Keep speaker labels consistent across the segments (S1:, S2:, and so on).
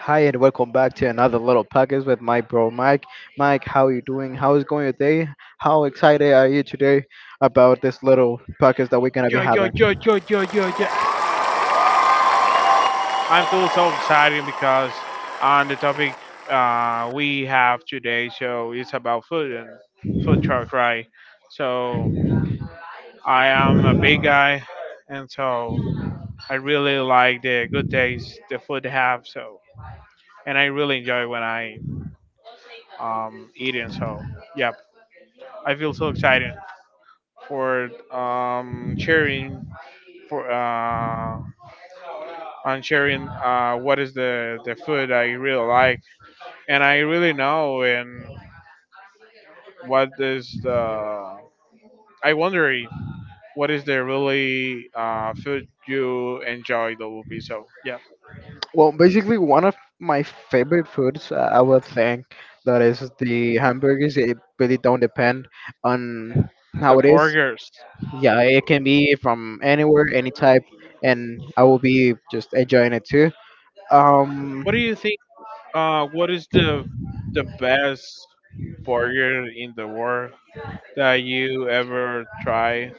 S1: Hi and welcome back to another little podcast with my bro Mike. Mike, how are you doing? How is going your day? How excited are you today about this little podcast that we're gonna be
S2: Yo, yo, yo,
S1: having?
S2: yo, yo, yo, yo. I feel so excited because on the topic we have today. So it's about food and food truck, right? So I am a big guy, and so I really like the good days the food have. So and I really enjoy when I eating. So yep, I feel so excited for sharing for on sharing what is the food I really like and I really know. And what is the I wonder if- what is the really food you enjoy? That will be so yeah
S1: Well, basically one of my favorite foods, I would think, that is the hamburgers. It really don't depend on
S2: the
S1: how it is.
S2: burgers.
S1: Yeah, it can be from anywhere, any type, and I will be just enjoying it too. Um,
S2: What do you think? What is the best burger in the world that you ever try?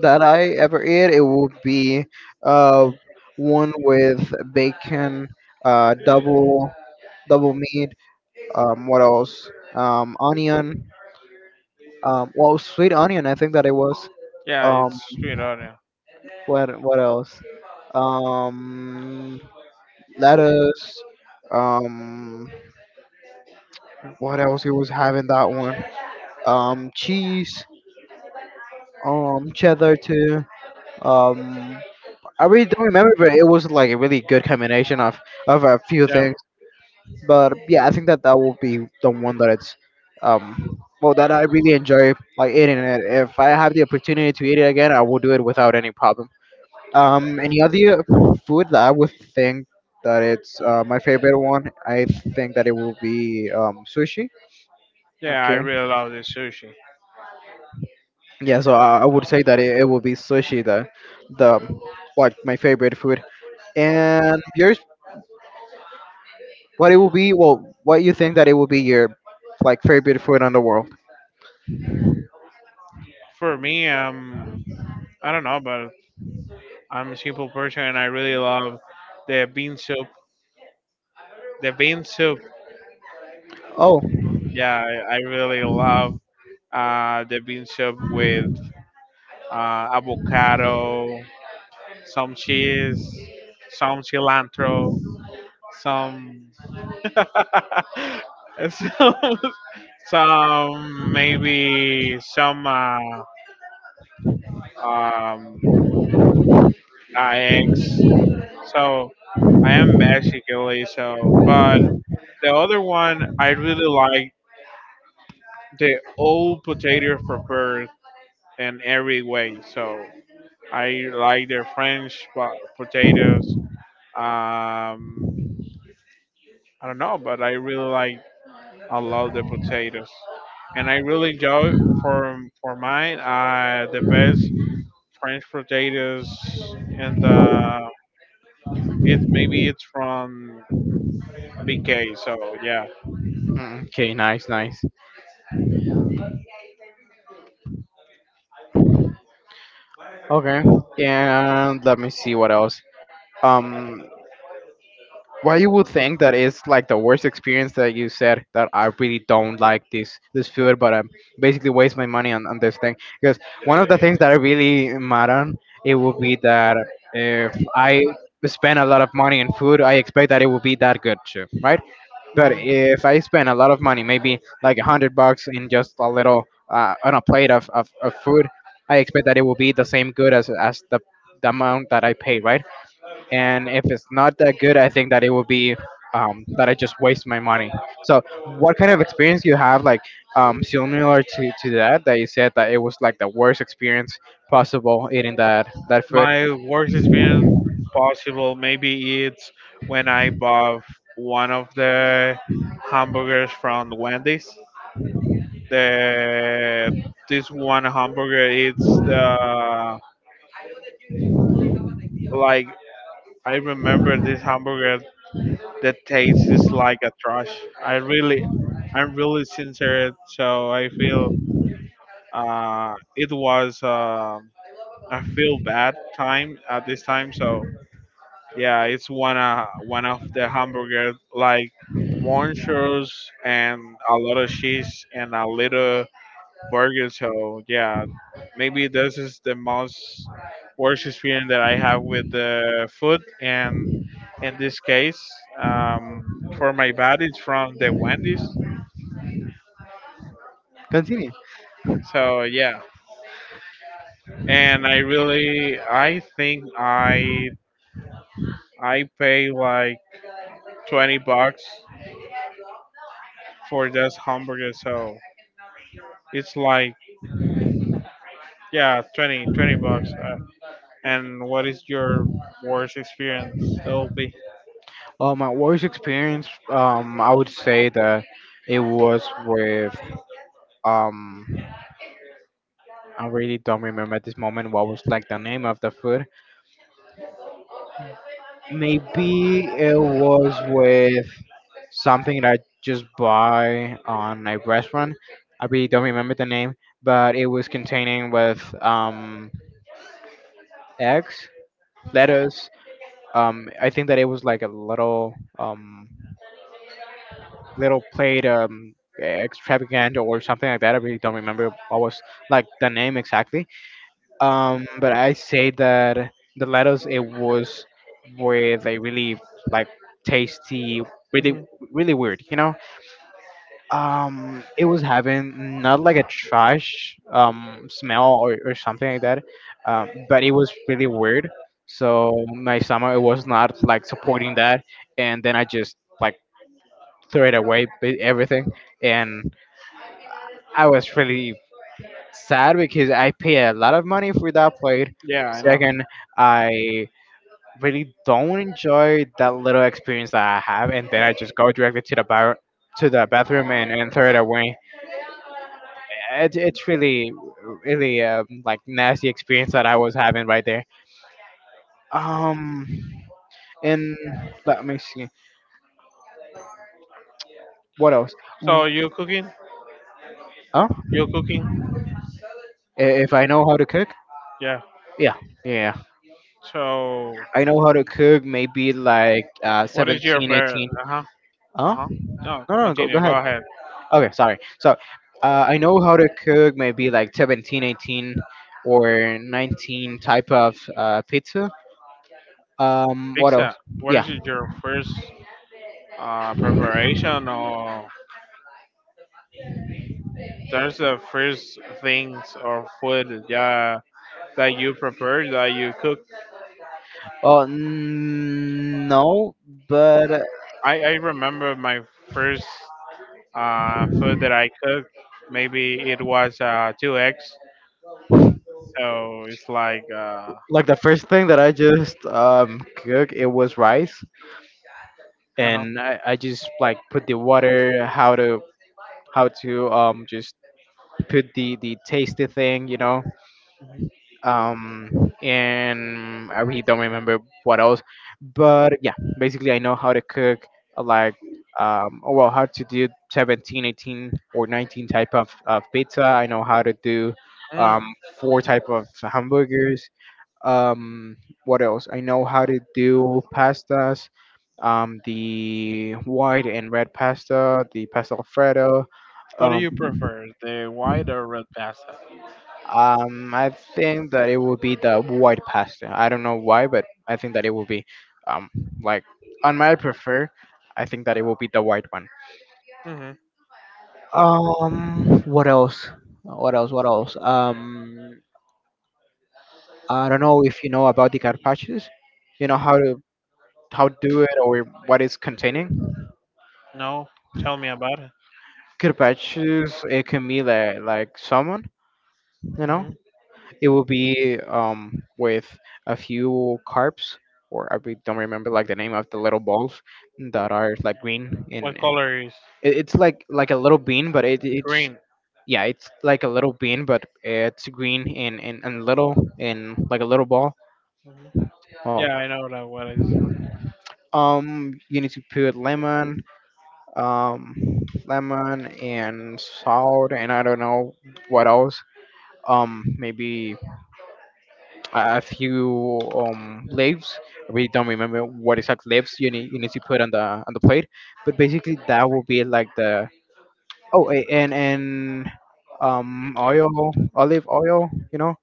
S1: that I ever ate, it would be uh, one with bacon, double double meat. What else? Onion. Well, sweet onion. I think that it was.
S2: Yeah,
S1: Um,
S2: it's
S1: what else? Um, Lettuce. Um, what else he was having that one? Cheese. Cheddar too. Um, I really don't remember, but it was like a really good combination of a few
S2: yeah,
S1: things. But yeah, I think that that will be the one that it's um well that I really enjoy like eating it. If I have the opportunity to eat it again, I will do it without any problem. Any other food that I would think that it's my favorite one, I think that it will be sushi.
S2: yeah, I
S1: Okay.
S2: really love the sushi.
S1: Yeah, so I would say that it will be sushi, the the like my favorite food. And yours, what it will be? Well, what you think that it will be your like favorite food in the world?
S2: For me, I don't know, but I'm a simple person and I really love the bean soup. The bean soup,
S1: Oh.
S2: yeah, I really love the bean soup with avocado, some cheese, some cilantro, some some, some maybe some um, eggs. So I am Mexican, so but the other one I really like the old potatoes, preferred in every way. So I like their potatoes. Um, I don't know, but I really like I love the potatoes, and I really enjoy for mine the best French potatoes and it maybe it's from BK. So yeah.
S1: Mm. Okay, nice, nice. Okay, and let me see what else. Um, why you would think that it's like the worst experience that you said that I really don't like this food, but I basically waste my money on this thing, because one of the things that I really mad on, it would be that if I spend a lot of money in food, I expect that it will be that good too, right? But if I spend a lot of money, maybe like $100 in just a little on a plate of food, I expect that it will be the same good as the amount that I paid, right? And if it's not that good, I think that it will be that I just waste my money. So, what kind of experience you have, like similar to that, that you said that it was like the worst experience possible eating that that food?
S2: My worst experience possible, maybe it's when I bought one of the hamburgers from Wendy's. The this one hamburger, it's the like I remember this hamburger. The taste is like a trash. I really, I'm really sincere. So I feel it was I feel bad time at this time. So yeah, it's one of the hamburger like monsters and a lot of cheese and a little burger. So yeah, maybe this is the most worst experience that I have with the food. And in this case, um, for my bad, it's from the Wendy's.
S1: Continue.
S2: So yeah, and I think I pay like $20 for this hamburger. So it's like yeah, $20. And what is your worst experience? That'll be.
S1: My worst experience, I would say that it was with. Um, I really don't remember at this moment what was like the name of the food. Maybe it was with something that I just buy on a restaurant. I really don't remember the name, but it was containing with eggs, lettuce. I think that it was like a little little plate extravaganza or something like that. I really don't remember what was like the name exactly. But I say that the lettuce it was with a really like tasty, really really weird, you know. It was having not like a trash smell or something like that, but it was really weird. So my stomach it was not like supporting that, and then I just like threw it away with everything, and I was really sad because I paid a lot of money for that plate.
S2: Yeah, I know.
S1: Second, I really don't enjoy that little experience that I have, and then I just go directly to the bar, to the bathroom, and throw it away. It's really, really like nasty experience that I was having right there. Um, and Let me see what else.
S2: So
S1: Mm.
S2: you cooking?
S1: Oh,
S2: You cooking?
S1: if I know how to cook,
S2: Yeah.
S1: yeah, yeah,
S2: So
S1: I know how to cook. Maybe like
S2: what is your
S1: 17,
S2: bear?
S1: 18. 18.
S2: Uh huh. Uh
S1: Oh,
S2: huh. No,
S1: no, no, go, go
S2: continue. Go
S1: ahead.
S2: ahead.
S1: Okay, sorry. So I know how to cook maybe like 17, 18, or 19 type of pizza. What else?
S2: Pizza. What
S1: Yeah.
S2: is it, your first preparation or there's the first things or food yeah that you prepared that you cook?
S1: Well, no, but
S2: I remember my first food that I cooked. Maybe it was two eggs. So it's like, uh
S1: like the first thing that I just cooked, it was rice,
S2: huh.
S1: and I just like put the water, how to how to just put the tasty thing, you know, and I really don't remember what else. But yeah, basically I know how to cook, uh, like oh, well, how to do 17, 18, or 19 type of pizza. I know how to do
S2: Mm.
S1: um four type of hamburgers. um what else? I know how to do pastas, the white and red pasta, the pasta Alfredo.
S2: What do
S1: um,
S2: you prefer, the white or red pasta?
S1: I think that it would be the white pasta. I don't know why, but I think that it will be, um, like on my prefer. I think that it will be the white one.
S2: Hmm.
S1: What else? What else? What else? I don't know if you know about the carpaccios. You know how to do it or what it's containing.
S2: No, tell me about it.
S1: Carpaccios, it can be like salmon. You know,
S2: Hmm.
S1: it will be with a few carbs, or I don't remember like the name of the little balls that are like green, and
S2: What
S1: it,
S2: color is
S1: it's like a little bean, but it's.
S2: green?
S1: Yeah, it's like a little bean, but it's green and, and little and like a little ball.
S2: Hmm.
S1: Oh,
S2: Yeah, I know that what is.
S1: you need to put lemon, um, lemon and salt, and I don't know what else. Maybe a few leaves. I really don't remember what exact leaves you need to put on the plate, but basically that will be like the. Oh, a- and oil, olive oil, you know,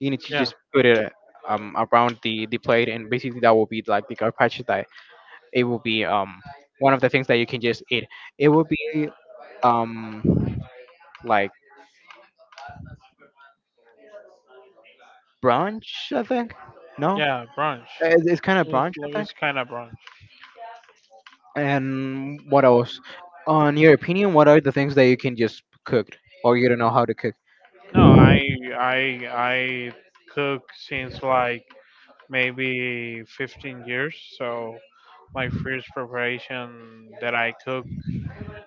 S1: you need to
S2: Yeah,
S1: just put it around the plate, and basically that will be like the carpaccio, that it will be one of the things that you can just eat. It will be um like brunch, I think. No.
S2: yeah, brunch.
S1: It's kind of
S2: It's,
S1: brunch, I
S2: like-
S1: think.
S2: it's kind of brunch.
S1: And what else? On your opinion, what are the things that you can just cook or you don't know how to cook?
S2: No, I I cook since like maybe 15 years. So my first preparation that I cooked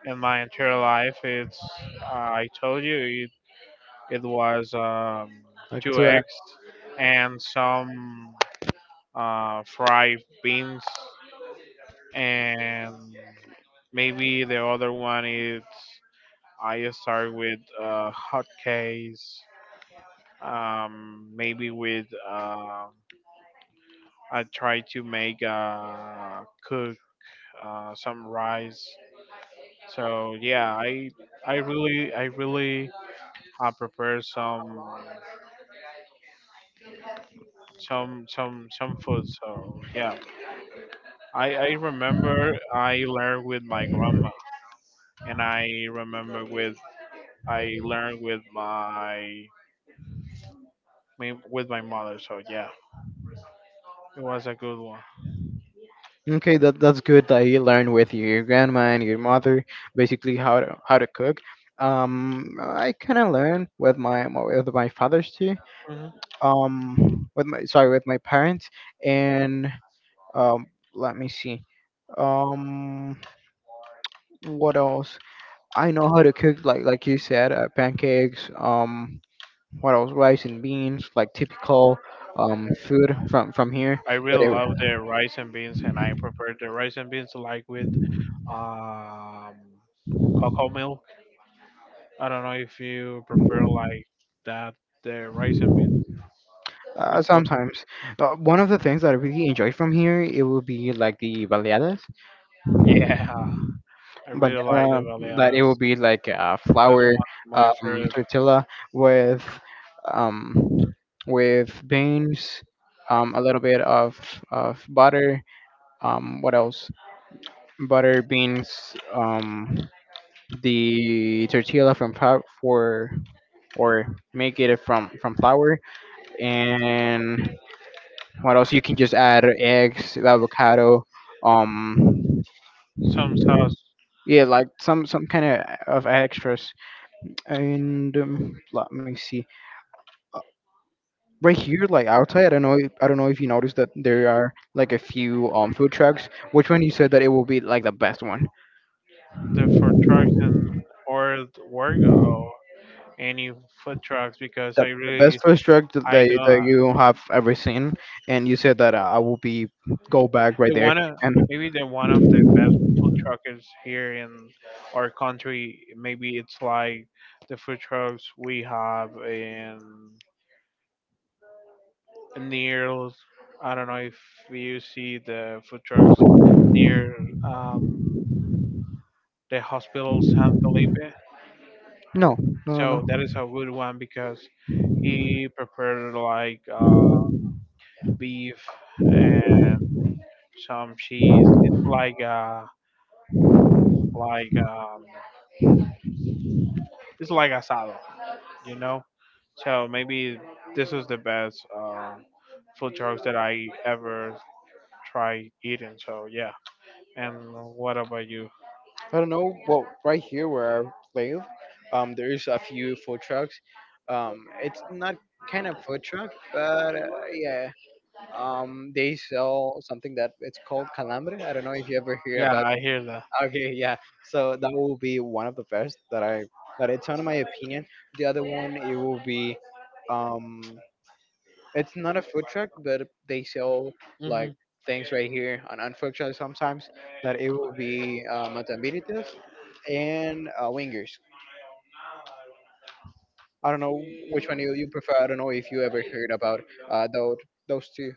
S2: in my entire life, it's I told you it, it was
S1: Like
S2: two
S1: to
S2: eggs and some fried beans and maybe the other one is I start with hot cakes. Maybe with I try to make some rice. So yeah, I really prepare some some food. So yeah, I remember I learned with my grandma, and I remember with I learned with my my- with my mother. So yeah, it was a good one.
S1: okay, that that's good that you learned with your grandma and your mother, basically how to cook. I kind of learned with my father's too.
S2: Hmm.
S1: With my sorry with my parents, and um, let me see. Um, what else? I know how to cook like you said, pancakes. What else? Rice and beans, like typical food from here.
S2: I
S1: But
S2: really
S1: it,
S2: love the rice and beans, and I prepared the rice and beans like with um, cocoa milk. I don't know if you prefer like that the rice and
S1: Sometimes one of the things that I really enjoy from here, it will be like the baleadas.
S2: yeah, I really like the
S1: Baleada, that
S2: baleada.
S1: it will be like a
S2: That's one
S1: flour
S2: of my favorite.
S1: tortilla with um, with beans, a little bit of butter. What else? Butter, beans, the tortilla from for, or make it from flour. And what else? You can just add eggs, avocado, um
S2: Some sauce
S1: yeah, like some kind of extras. And let me see. Uh, right here like outside, I don't know if, I don't know if you noticed that there are like a few food trucks, which one you said that it will be like the best one,
S2: the food trucks or the work or any food trucks because I
S1: the
S2: really
S1: best food truck that,
S2: I
S1: they, that
S2: don't
S1: you have ever seen, and you said that I will be go back right
S2: the
S1: there,
S2: one of-
S1: and
S2: maybe the one of the best food truckers here in our country. Maybe it's like the food trucks we have in near. I don't know if you see the food truck near um, the hospital San Felipe.
S1: no, no, no,
S2: So
S1: no.
S2: that is a good one because he prepared like beef and some cheese. It's like like um, it's like asado, you know. So maybe this is the best food trucks that I ever try eating. So yeah. And what about you?
S1: I don't know. Well, right here where I live, there's a few food trucks. It's not kind of food truck, but yeah. They sell something that it's called calambre. I don't know if you ever hear
S2: Yeah,
S1: about.
S2: I hear that.
S1: That. Okay, yeah. So that will be one of the best that I, that it's one of my opinion. The other one it will be, um, it's not a food truck, but they sell
S2: Hmm.
S1: like things right here on food truck sometimes, that it will be Matambritas and Wingers. I don't know which one you prefer. I don't know if you ever heard about uh, those, those two,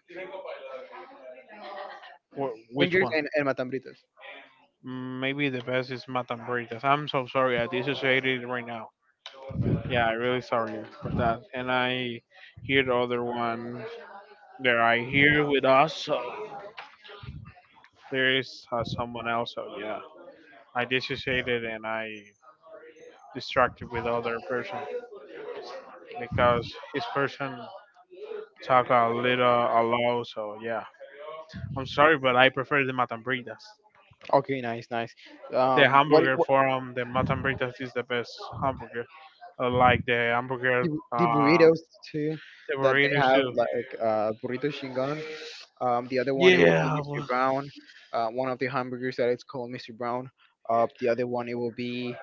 S2: Wh- which
S1: Wingers
S2: one?
S1: and Matambritas.
S2: Mm, maybe the best is Matan Burritos. I'm so sorry, I dissociated right now. Yeah, I really sorry for that. And I hear the other one that I hear with us. So there is someone else. So yeah, I dissociated and I distracted with other person because his person talk a little a lot. So yeah, I'm sorry, but I prefer the Matan Burritos.
S1: Okay, nice, nice.
S2: The hamburger
S1: What.
S2: from the Matan Burritos is the best hamburger. I like the
S1: the,
S2: hamburger.
S1: the
S2: Uh,
S1: burritos too,
S2: The
S1: that they
S2: burritos
S1: have
S2: too.
S1: like burrito chingon. The other one it will be
S2: Yeah,
S1: Mr.
S2: well,
S1: Brown. One of the hamburgers that it's called Mr. Brown. The other one it will be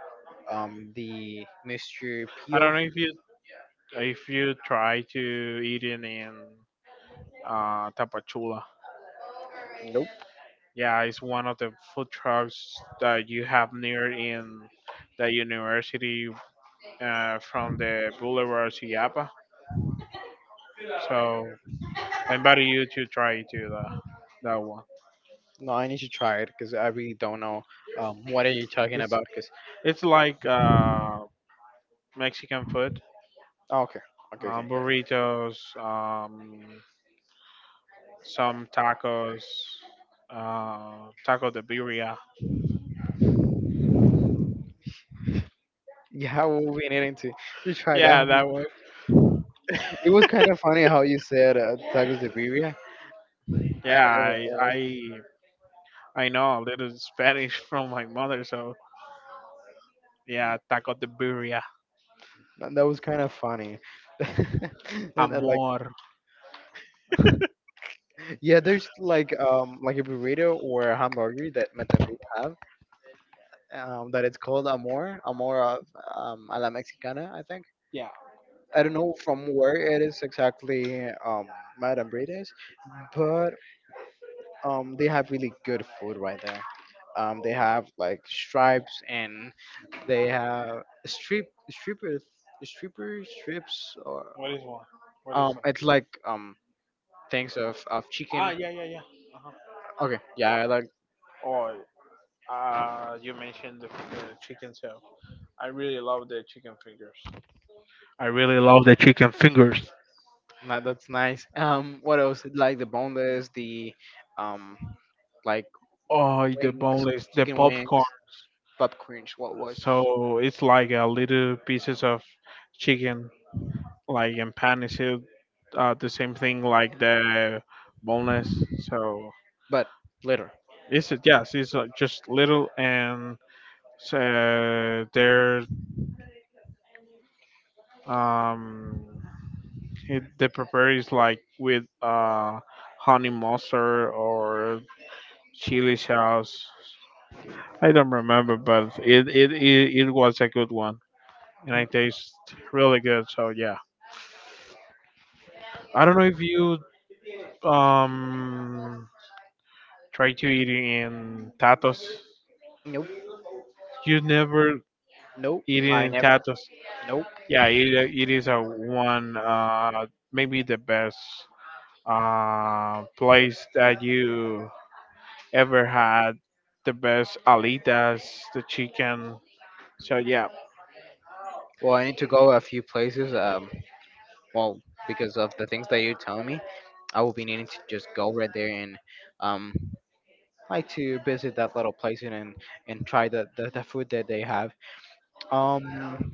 S1: the Mr.
S2: I
S1: Pio.
S2: don't know if you try to eat it in Tapachula.
S1: Nope.
S2: Yeah, it's one of the food trucks that you have near in the university from the Boulevard to Yapa. So I invite you to try to the that one.
S1: No, I need to try it because I really don't know what are you talking
S2: It's
S1: about. Because
S2: it's like Mexican food,
S1: okay, okay, okay.
S2: burritos, some tacos, taco de birria.
S1: Yeah, we'll be needing to try
S2: Yeah,
S1: that one.
S2: that was.
S1: It was kind of funny how you said tacos de birria. I
S2: Yeah, I
S1: was.
S2: I I know a little Spanish from my mother, so yeah, taco de birria,
S1: That that was kind of funny. And like,
S2: amor.
S1: yeah, there's like a burrito or a hamburger that Mexican have that it's called amor, amor of a la mexicana, I think.
S2: Yeah,
S1: I don't know from where it is exactly, Madame is, but they have really good food right there. They have like stripes and they have strippers stripper strips or
S2: what is one? What is?
S1: it's like things of
S2: Ah,
S1: chicken.
S2: yeah, yeah, yeah. Uh-huh.
S1: Okay, yeah, I like
S2: Or you mentioned the chicken tail. I really love the chicken fingers. I really love the chicken fingers.
S1: that. That's nice. What else? Like the boneless, the um like
S2: Oh, the
S1: wings,
S2: boneless, the
S1: chicken wings,
S2: popcorn.
S1: popcorn. What was,
S2: So it's like a little pieces of chicken like in Panacea, the same thing like the boneless. So
S1: but later.
S2: it's yes, it's just little and so they're um it, the prepare is like with honey mustard or chili sauce. I don't remember, but it was a good one, and it tastes really good. So yeah, I don't know if you um try to eat in tatos.
S1: Nope.
S2: You never
S1: Nope.
S2: eaten
S1: I
S2: in
S1: never.
S2: Tatos,
S1: Nope.
S2: yeah, it is a one maybe the best place that you ever had. The best alitas, the chicken. So yeah.
S1: Well, I need to go a few places. Well, because of the things that you're telling me, I will be needing to just go right there and um like to visit that little place, and and try the food that they have. um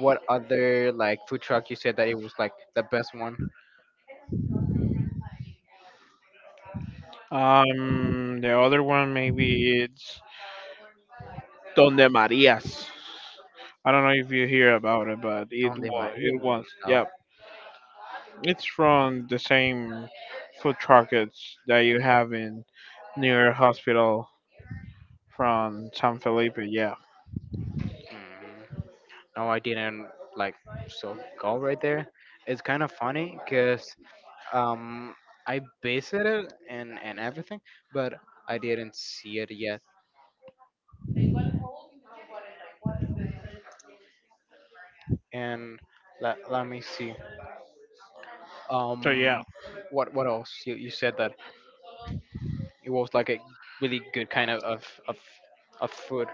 S1: what other like food truck you said that it was like the best one?
S2: The other one maybe it's Donde Marias. I don't know if you hear about it, but
S1: Donde Maria?
S2: it
S1: No.
S2: was
S1: No.
S2: yeah. It's from the same food truck that you have in near hospital from San Felipe. Yeah.
S1: Mm, no, I didn't like, so go right there. It's kind of funny because um I visited and everything, but I didn't see it yet. And let me see.
S2: So yeah,
S1: Um, what else? You said that it was like a really good kind of food,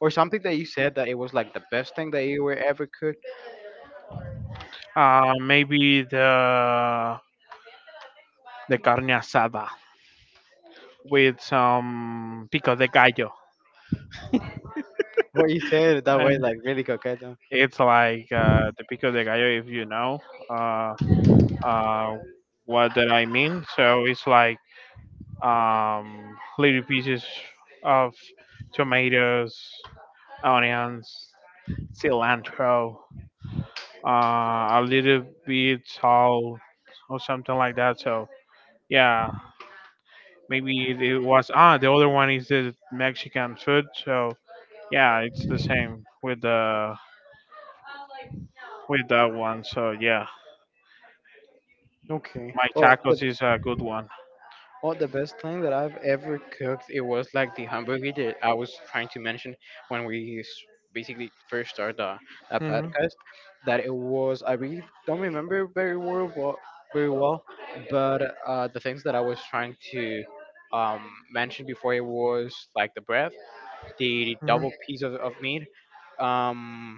S1: or something that you said that it was like the best thing that you were ever cooked.
S2: maybe the carne asada with some pico de gallo.
S1: What you said that
S2: Uh,
S1: way, like really coqueta.
S2: It's like the pico de gallo, if you know uh, uh, what that I mean. So it's like little pieces of tomatoes, onions, cilantro, a little bit salt or something like that. So yeah, maybe it was ah the other one is the Mexican food. So yeah, it's the same with the with that one. So yeah,
S1: Okay.
S2: my
S1: Well, the—
S2: tacos is a good one.
S1: oh, the best thing that I've ever cooked, it was like the hamburger that I was trying to mention when basically first started the
S2: Hmm.
S1: podcast. That it was— I really don't remember very well, but very well, but the things that I was trying to mention before, it was like the bread, the
S2: Hmm.
S1: double piece of meat, um,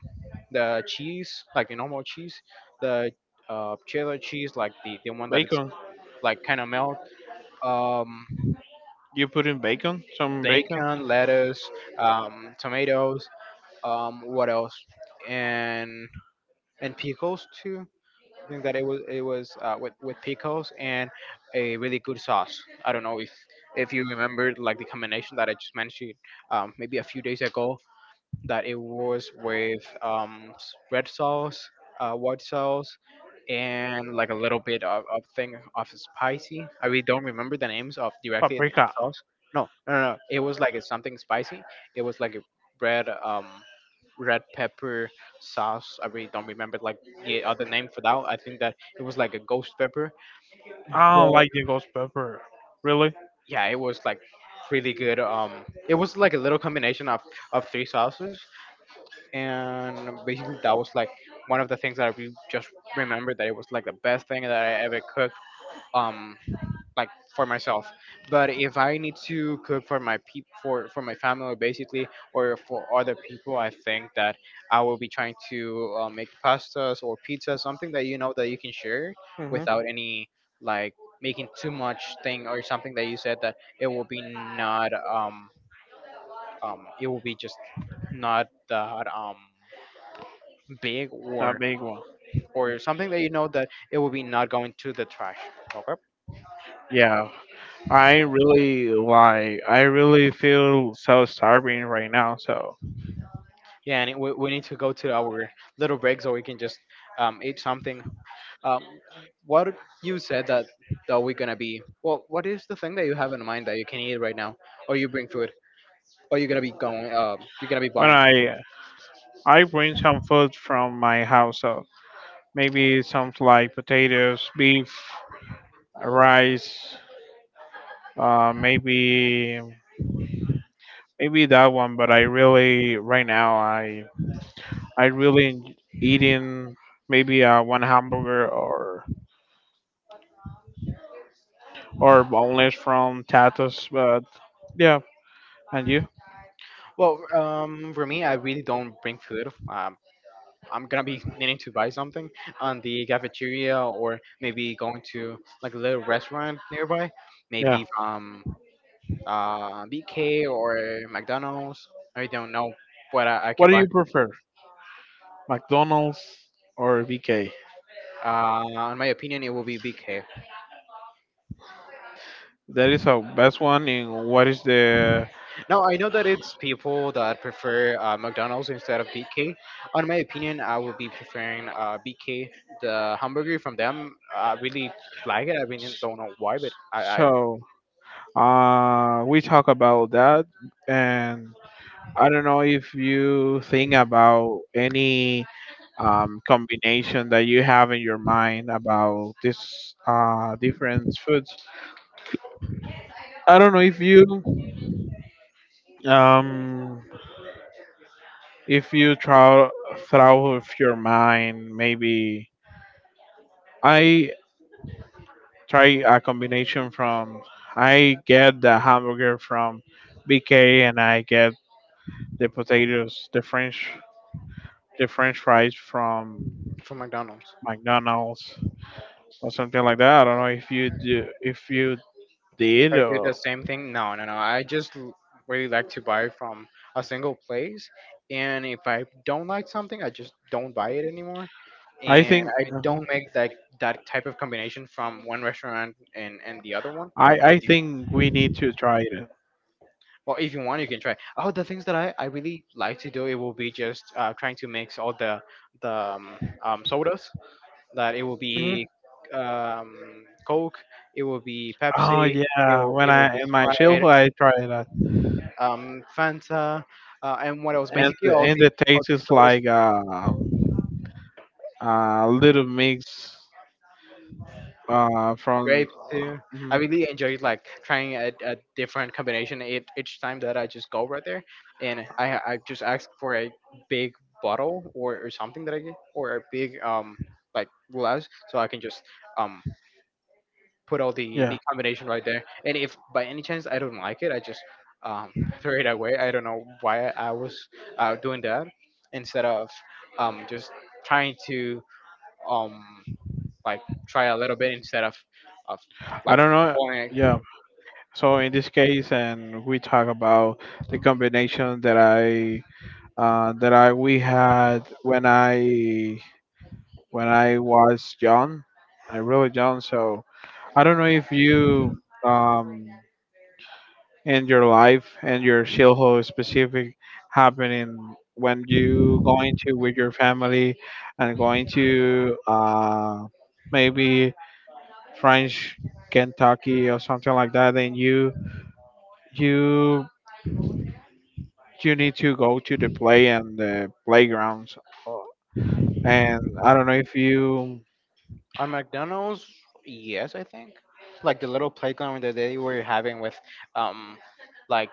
S1: the cheese, like the normal cheese, the cheddar cheese, like the one that it's
S2: Bacon.
S1: like kind of melt. Um,
S2: You put in bacon? Some bacon?
S1: bacon, lettuce, tomatoes, what else, and and pickles too. I think that it was with pickles and a really good sauce. I don't know if you remember like the combination that I just mentioned maybe a few days ago, that it was with red sauce, white sauce, and like a little bit of thing of spicy. I really don't remember the names of directly the
S2: Paprika.
S1: sauce. No, no, no, no. It was like a something spicy. It was like a red red pepper sauce. I really don't remember like the other name for that. I think that it was like a ghost pepper.
S2: I don't
S1: But
S2: like the ghost pepper. Really?
S1: yeah, it was like really good. It was like a little combination of three sauces, and basically that was like one of the things that just remembered that it was like the best thing that I ever cooked, um like for myself. But if I need to cook for my peop for my family, basically, or for other people, I think that I will be trying to make pastas or pizza, something that you know that you can share
S2: Hmm.
S1: without any like making too much thing, or something that you said that it will be not it will be just not that big,
S2: That big one.
S1: or something that you know that it will be not going to the trash. Okay.
S2: Yeah, I really like. I really feel so starving right now. So
S1: Yeah, and it, we need to go to our little break so we can just eat something. Um, what you said that that we're gonna be— well, what is the thing that you have in mind that you can eat right now, or you bring food, or you're gonna be going? You're gonna be
S2: when
S1: buying.
S2: I bring some food from my house, so maybe something like potatoes, beef, rice. Uh, maybe maybe that one. But I really right now I eating maybe one hamburger or boneless from Tatus. But yeah, and you?
S1: Well, for me, I really don't bring food. I'm gonna be needing to buy something on the cafeteria, or maybe going to like a little restaurant nearby,
S2: Yeah.
S1: maybe from BK or McDonald's. I don't know what I
S2: What
S1: can
S2: do you
S1: buy.
S2: prefer, McDonald's or VK?
S1: In my opinion, it will be BK.
S2: That is our best one. And what is the
S1: Now I know that it's people that prefer McDonald's instead of BK. On my opinion, I will be preferring BK. The hamburger from them, I really like it. I really don't know why, but I
S2: so? We talk about that and I don't know if you think about any combination that you have in your mind about this different foods. I don't know um, if you try throw of your mind maybe I try a combination from I get the hamburger from BK and I get the potatoes the French fries from
S1: from McDonald's.
S2: McDonald's or something like that. I don't know if you do, if you
S1: If
S2: did
S1: I do
S2: or
S1: the same thing, no, no, no. I just really like to buy from a single place, and if I don't like something, I just don't buy it anymore.
S2: I
S1: And
S2: think
S1: I
S2: mhm.
S1: don't make like that type of combination from one restaurant and the other one.
S2: I think we need to try it.
S1: Well, if you want, you can try. Oh, the things that I really like to do, it will be just trying to mix all the sodas. That it will
S2: Hmm.
S1: be Coke, it will be
S2: Oh
S1: Pepsi, it
S2: yeah,
S1: will
S2: when
S1: it will
S2: I
S1: be
S2: in my
S1: Sprite,
S2: childhood I tried that,
S1: Fanta, and what else? Basically, all
S2: and
S1: the
S2: the taste is
S1: sodas,
S2: like a little mix from
S1: grapes too. I
S2: mhm.
S1: really enjoyed like trying a different combination each time that I just go right there, and I just ask for a big bottle, or something that I get, or a big like glass, so I can just um put all the
S2: Yeah
S1: the combination right there. And if by any chance I don't like it, I just um throw it away. I don't know why I was doing that instead of just trying to um like try a little bit instead of
S2: I
S1: like
S2: don't know
S1: pulling.
S2: yeah. So in this case, and we talk about the combination that I we had when I was young, I really young. So I don't know if you in your life and your Shilho specific happening when you going to with your family and going to maybe French Kentucky or something like that, then you you need to go to the play and the playgrounds. And I don't know if you.
S1: Our McDonald's, yes, I think. Like the little playground that they were having with, um, like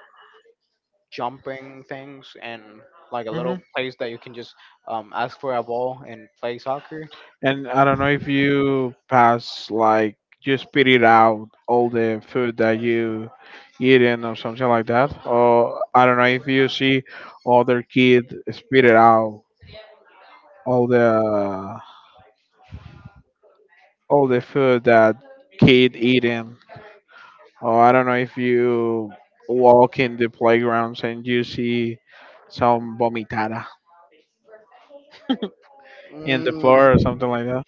S1: jumping things and like a
S2: Mhm.
S1: little place that you can just ask for a ball and play soccer.
S2: And I don't know if you pass like you spit it out all the food that you eating or something like that. Or I don't know if you see other kid spit it out all the all the food that kid eating. Or I don't know if you walk in the playgrounds and you see some vomitada in the floor or
S1: Mm.
S2: something like that.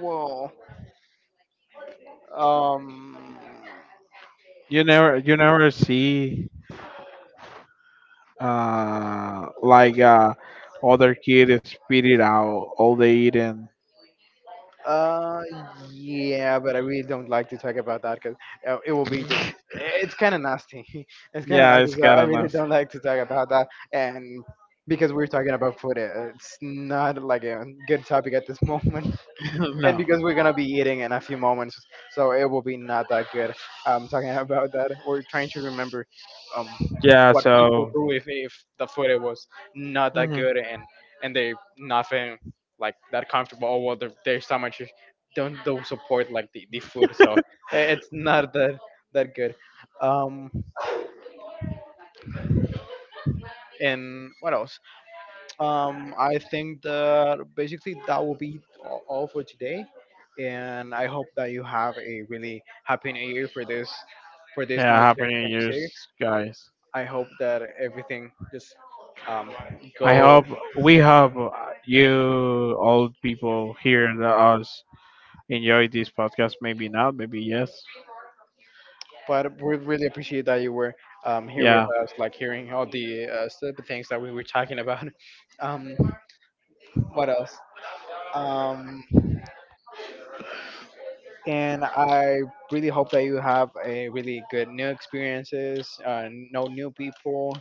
S1: Whoa. um
S2: You never see uh, like uh, other kids spit it out all they eat and
S1: Uh, yeah, but I really don't like to talk about that because it will be just— it's kind of nasty. It's kind of
S2: yeah,
S1: nasty,
S2: it's
S1: so
S2: kind
S1: I
S2: of
S1: really
S2: nice.
S1: don't like to talk about that. And because we're talking about food, it's not like a good topic at this moment, and
S2: No,
S1: because we're gonna be eating in a few moments, so it will be not that good. Talking about that, we're trying to remember um,
S2: yeah,
S1: what people
S2: so
S1: do if the food it was not that
S2: mhm.
S1: good, and they not feeling like that comfortable. Oh well, their stomach is- don't support like the food, so it's not that that good. Um, and what else? I think that basically that will be all for today, and I hope that you have a really happy new year for this new
S2: Yeah, happy New Year's,
S1: 2026.
S2: guys.
S1: I hope that everything just um,
S2: I
S1: go.
S2: hope we hope you old people here and us enjoy this podcast. Maybe not, maybe yes.
S1: But we really appreciate that you were here with
S2: Yeah.
S1: us, like hearing all the stupid things that we were talking about. Um, what else? Um, and I really hope that you have a really good new experiences, know new people,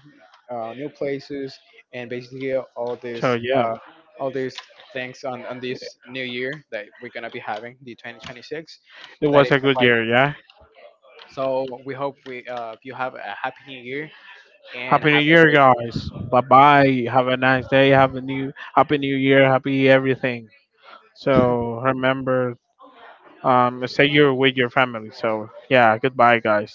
S1: new places, and basically all
S2: So
S1: this,
S2: yeah,
S1: uh, all these things on this new year that we're gonna be having, the 2026,
S2: it
S1: that
S2: was
S1: it's
S2: a good
S1: arriving.
S2: year. Yeah.
S1: So we hope we you have a happy new year and
S2: Happy New
S1: have
S2: Year, guys. Bye bye. Have a nice day. Have a new Happy New Year. Happy everything. So remember, stay you with your family. So yeah, goodbye, guys.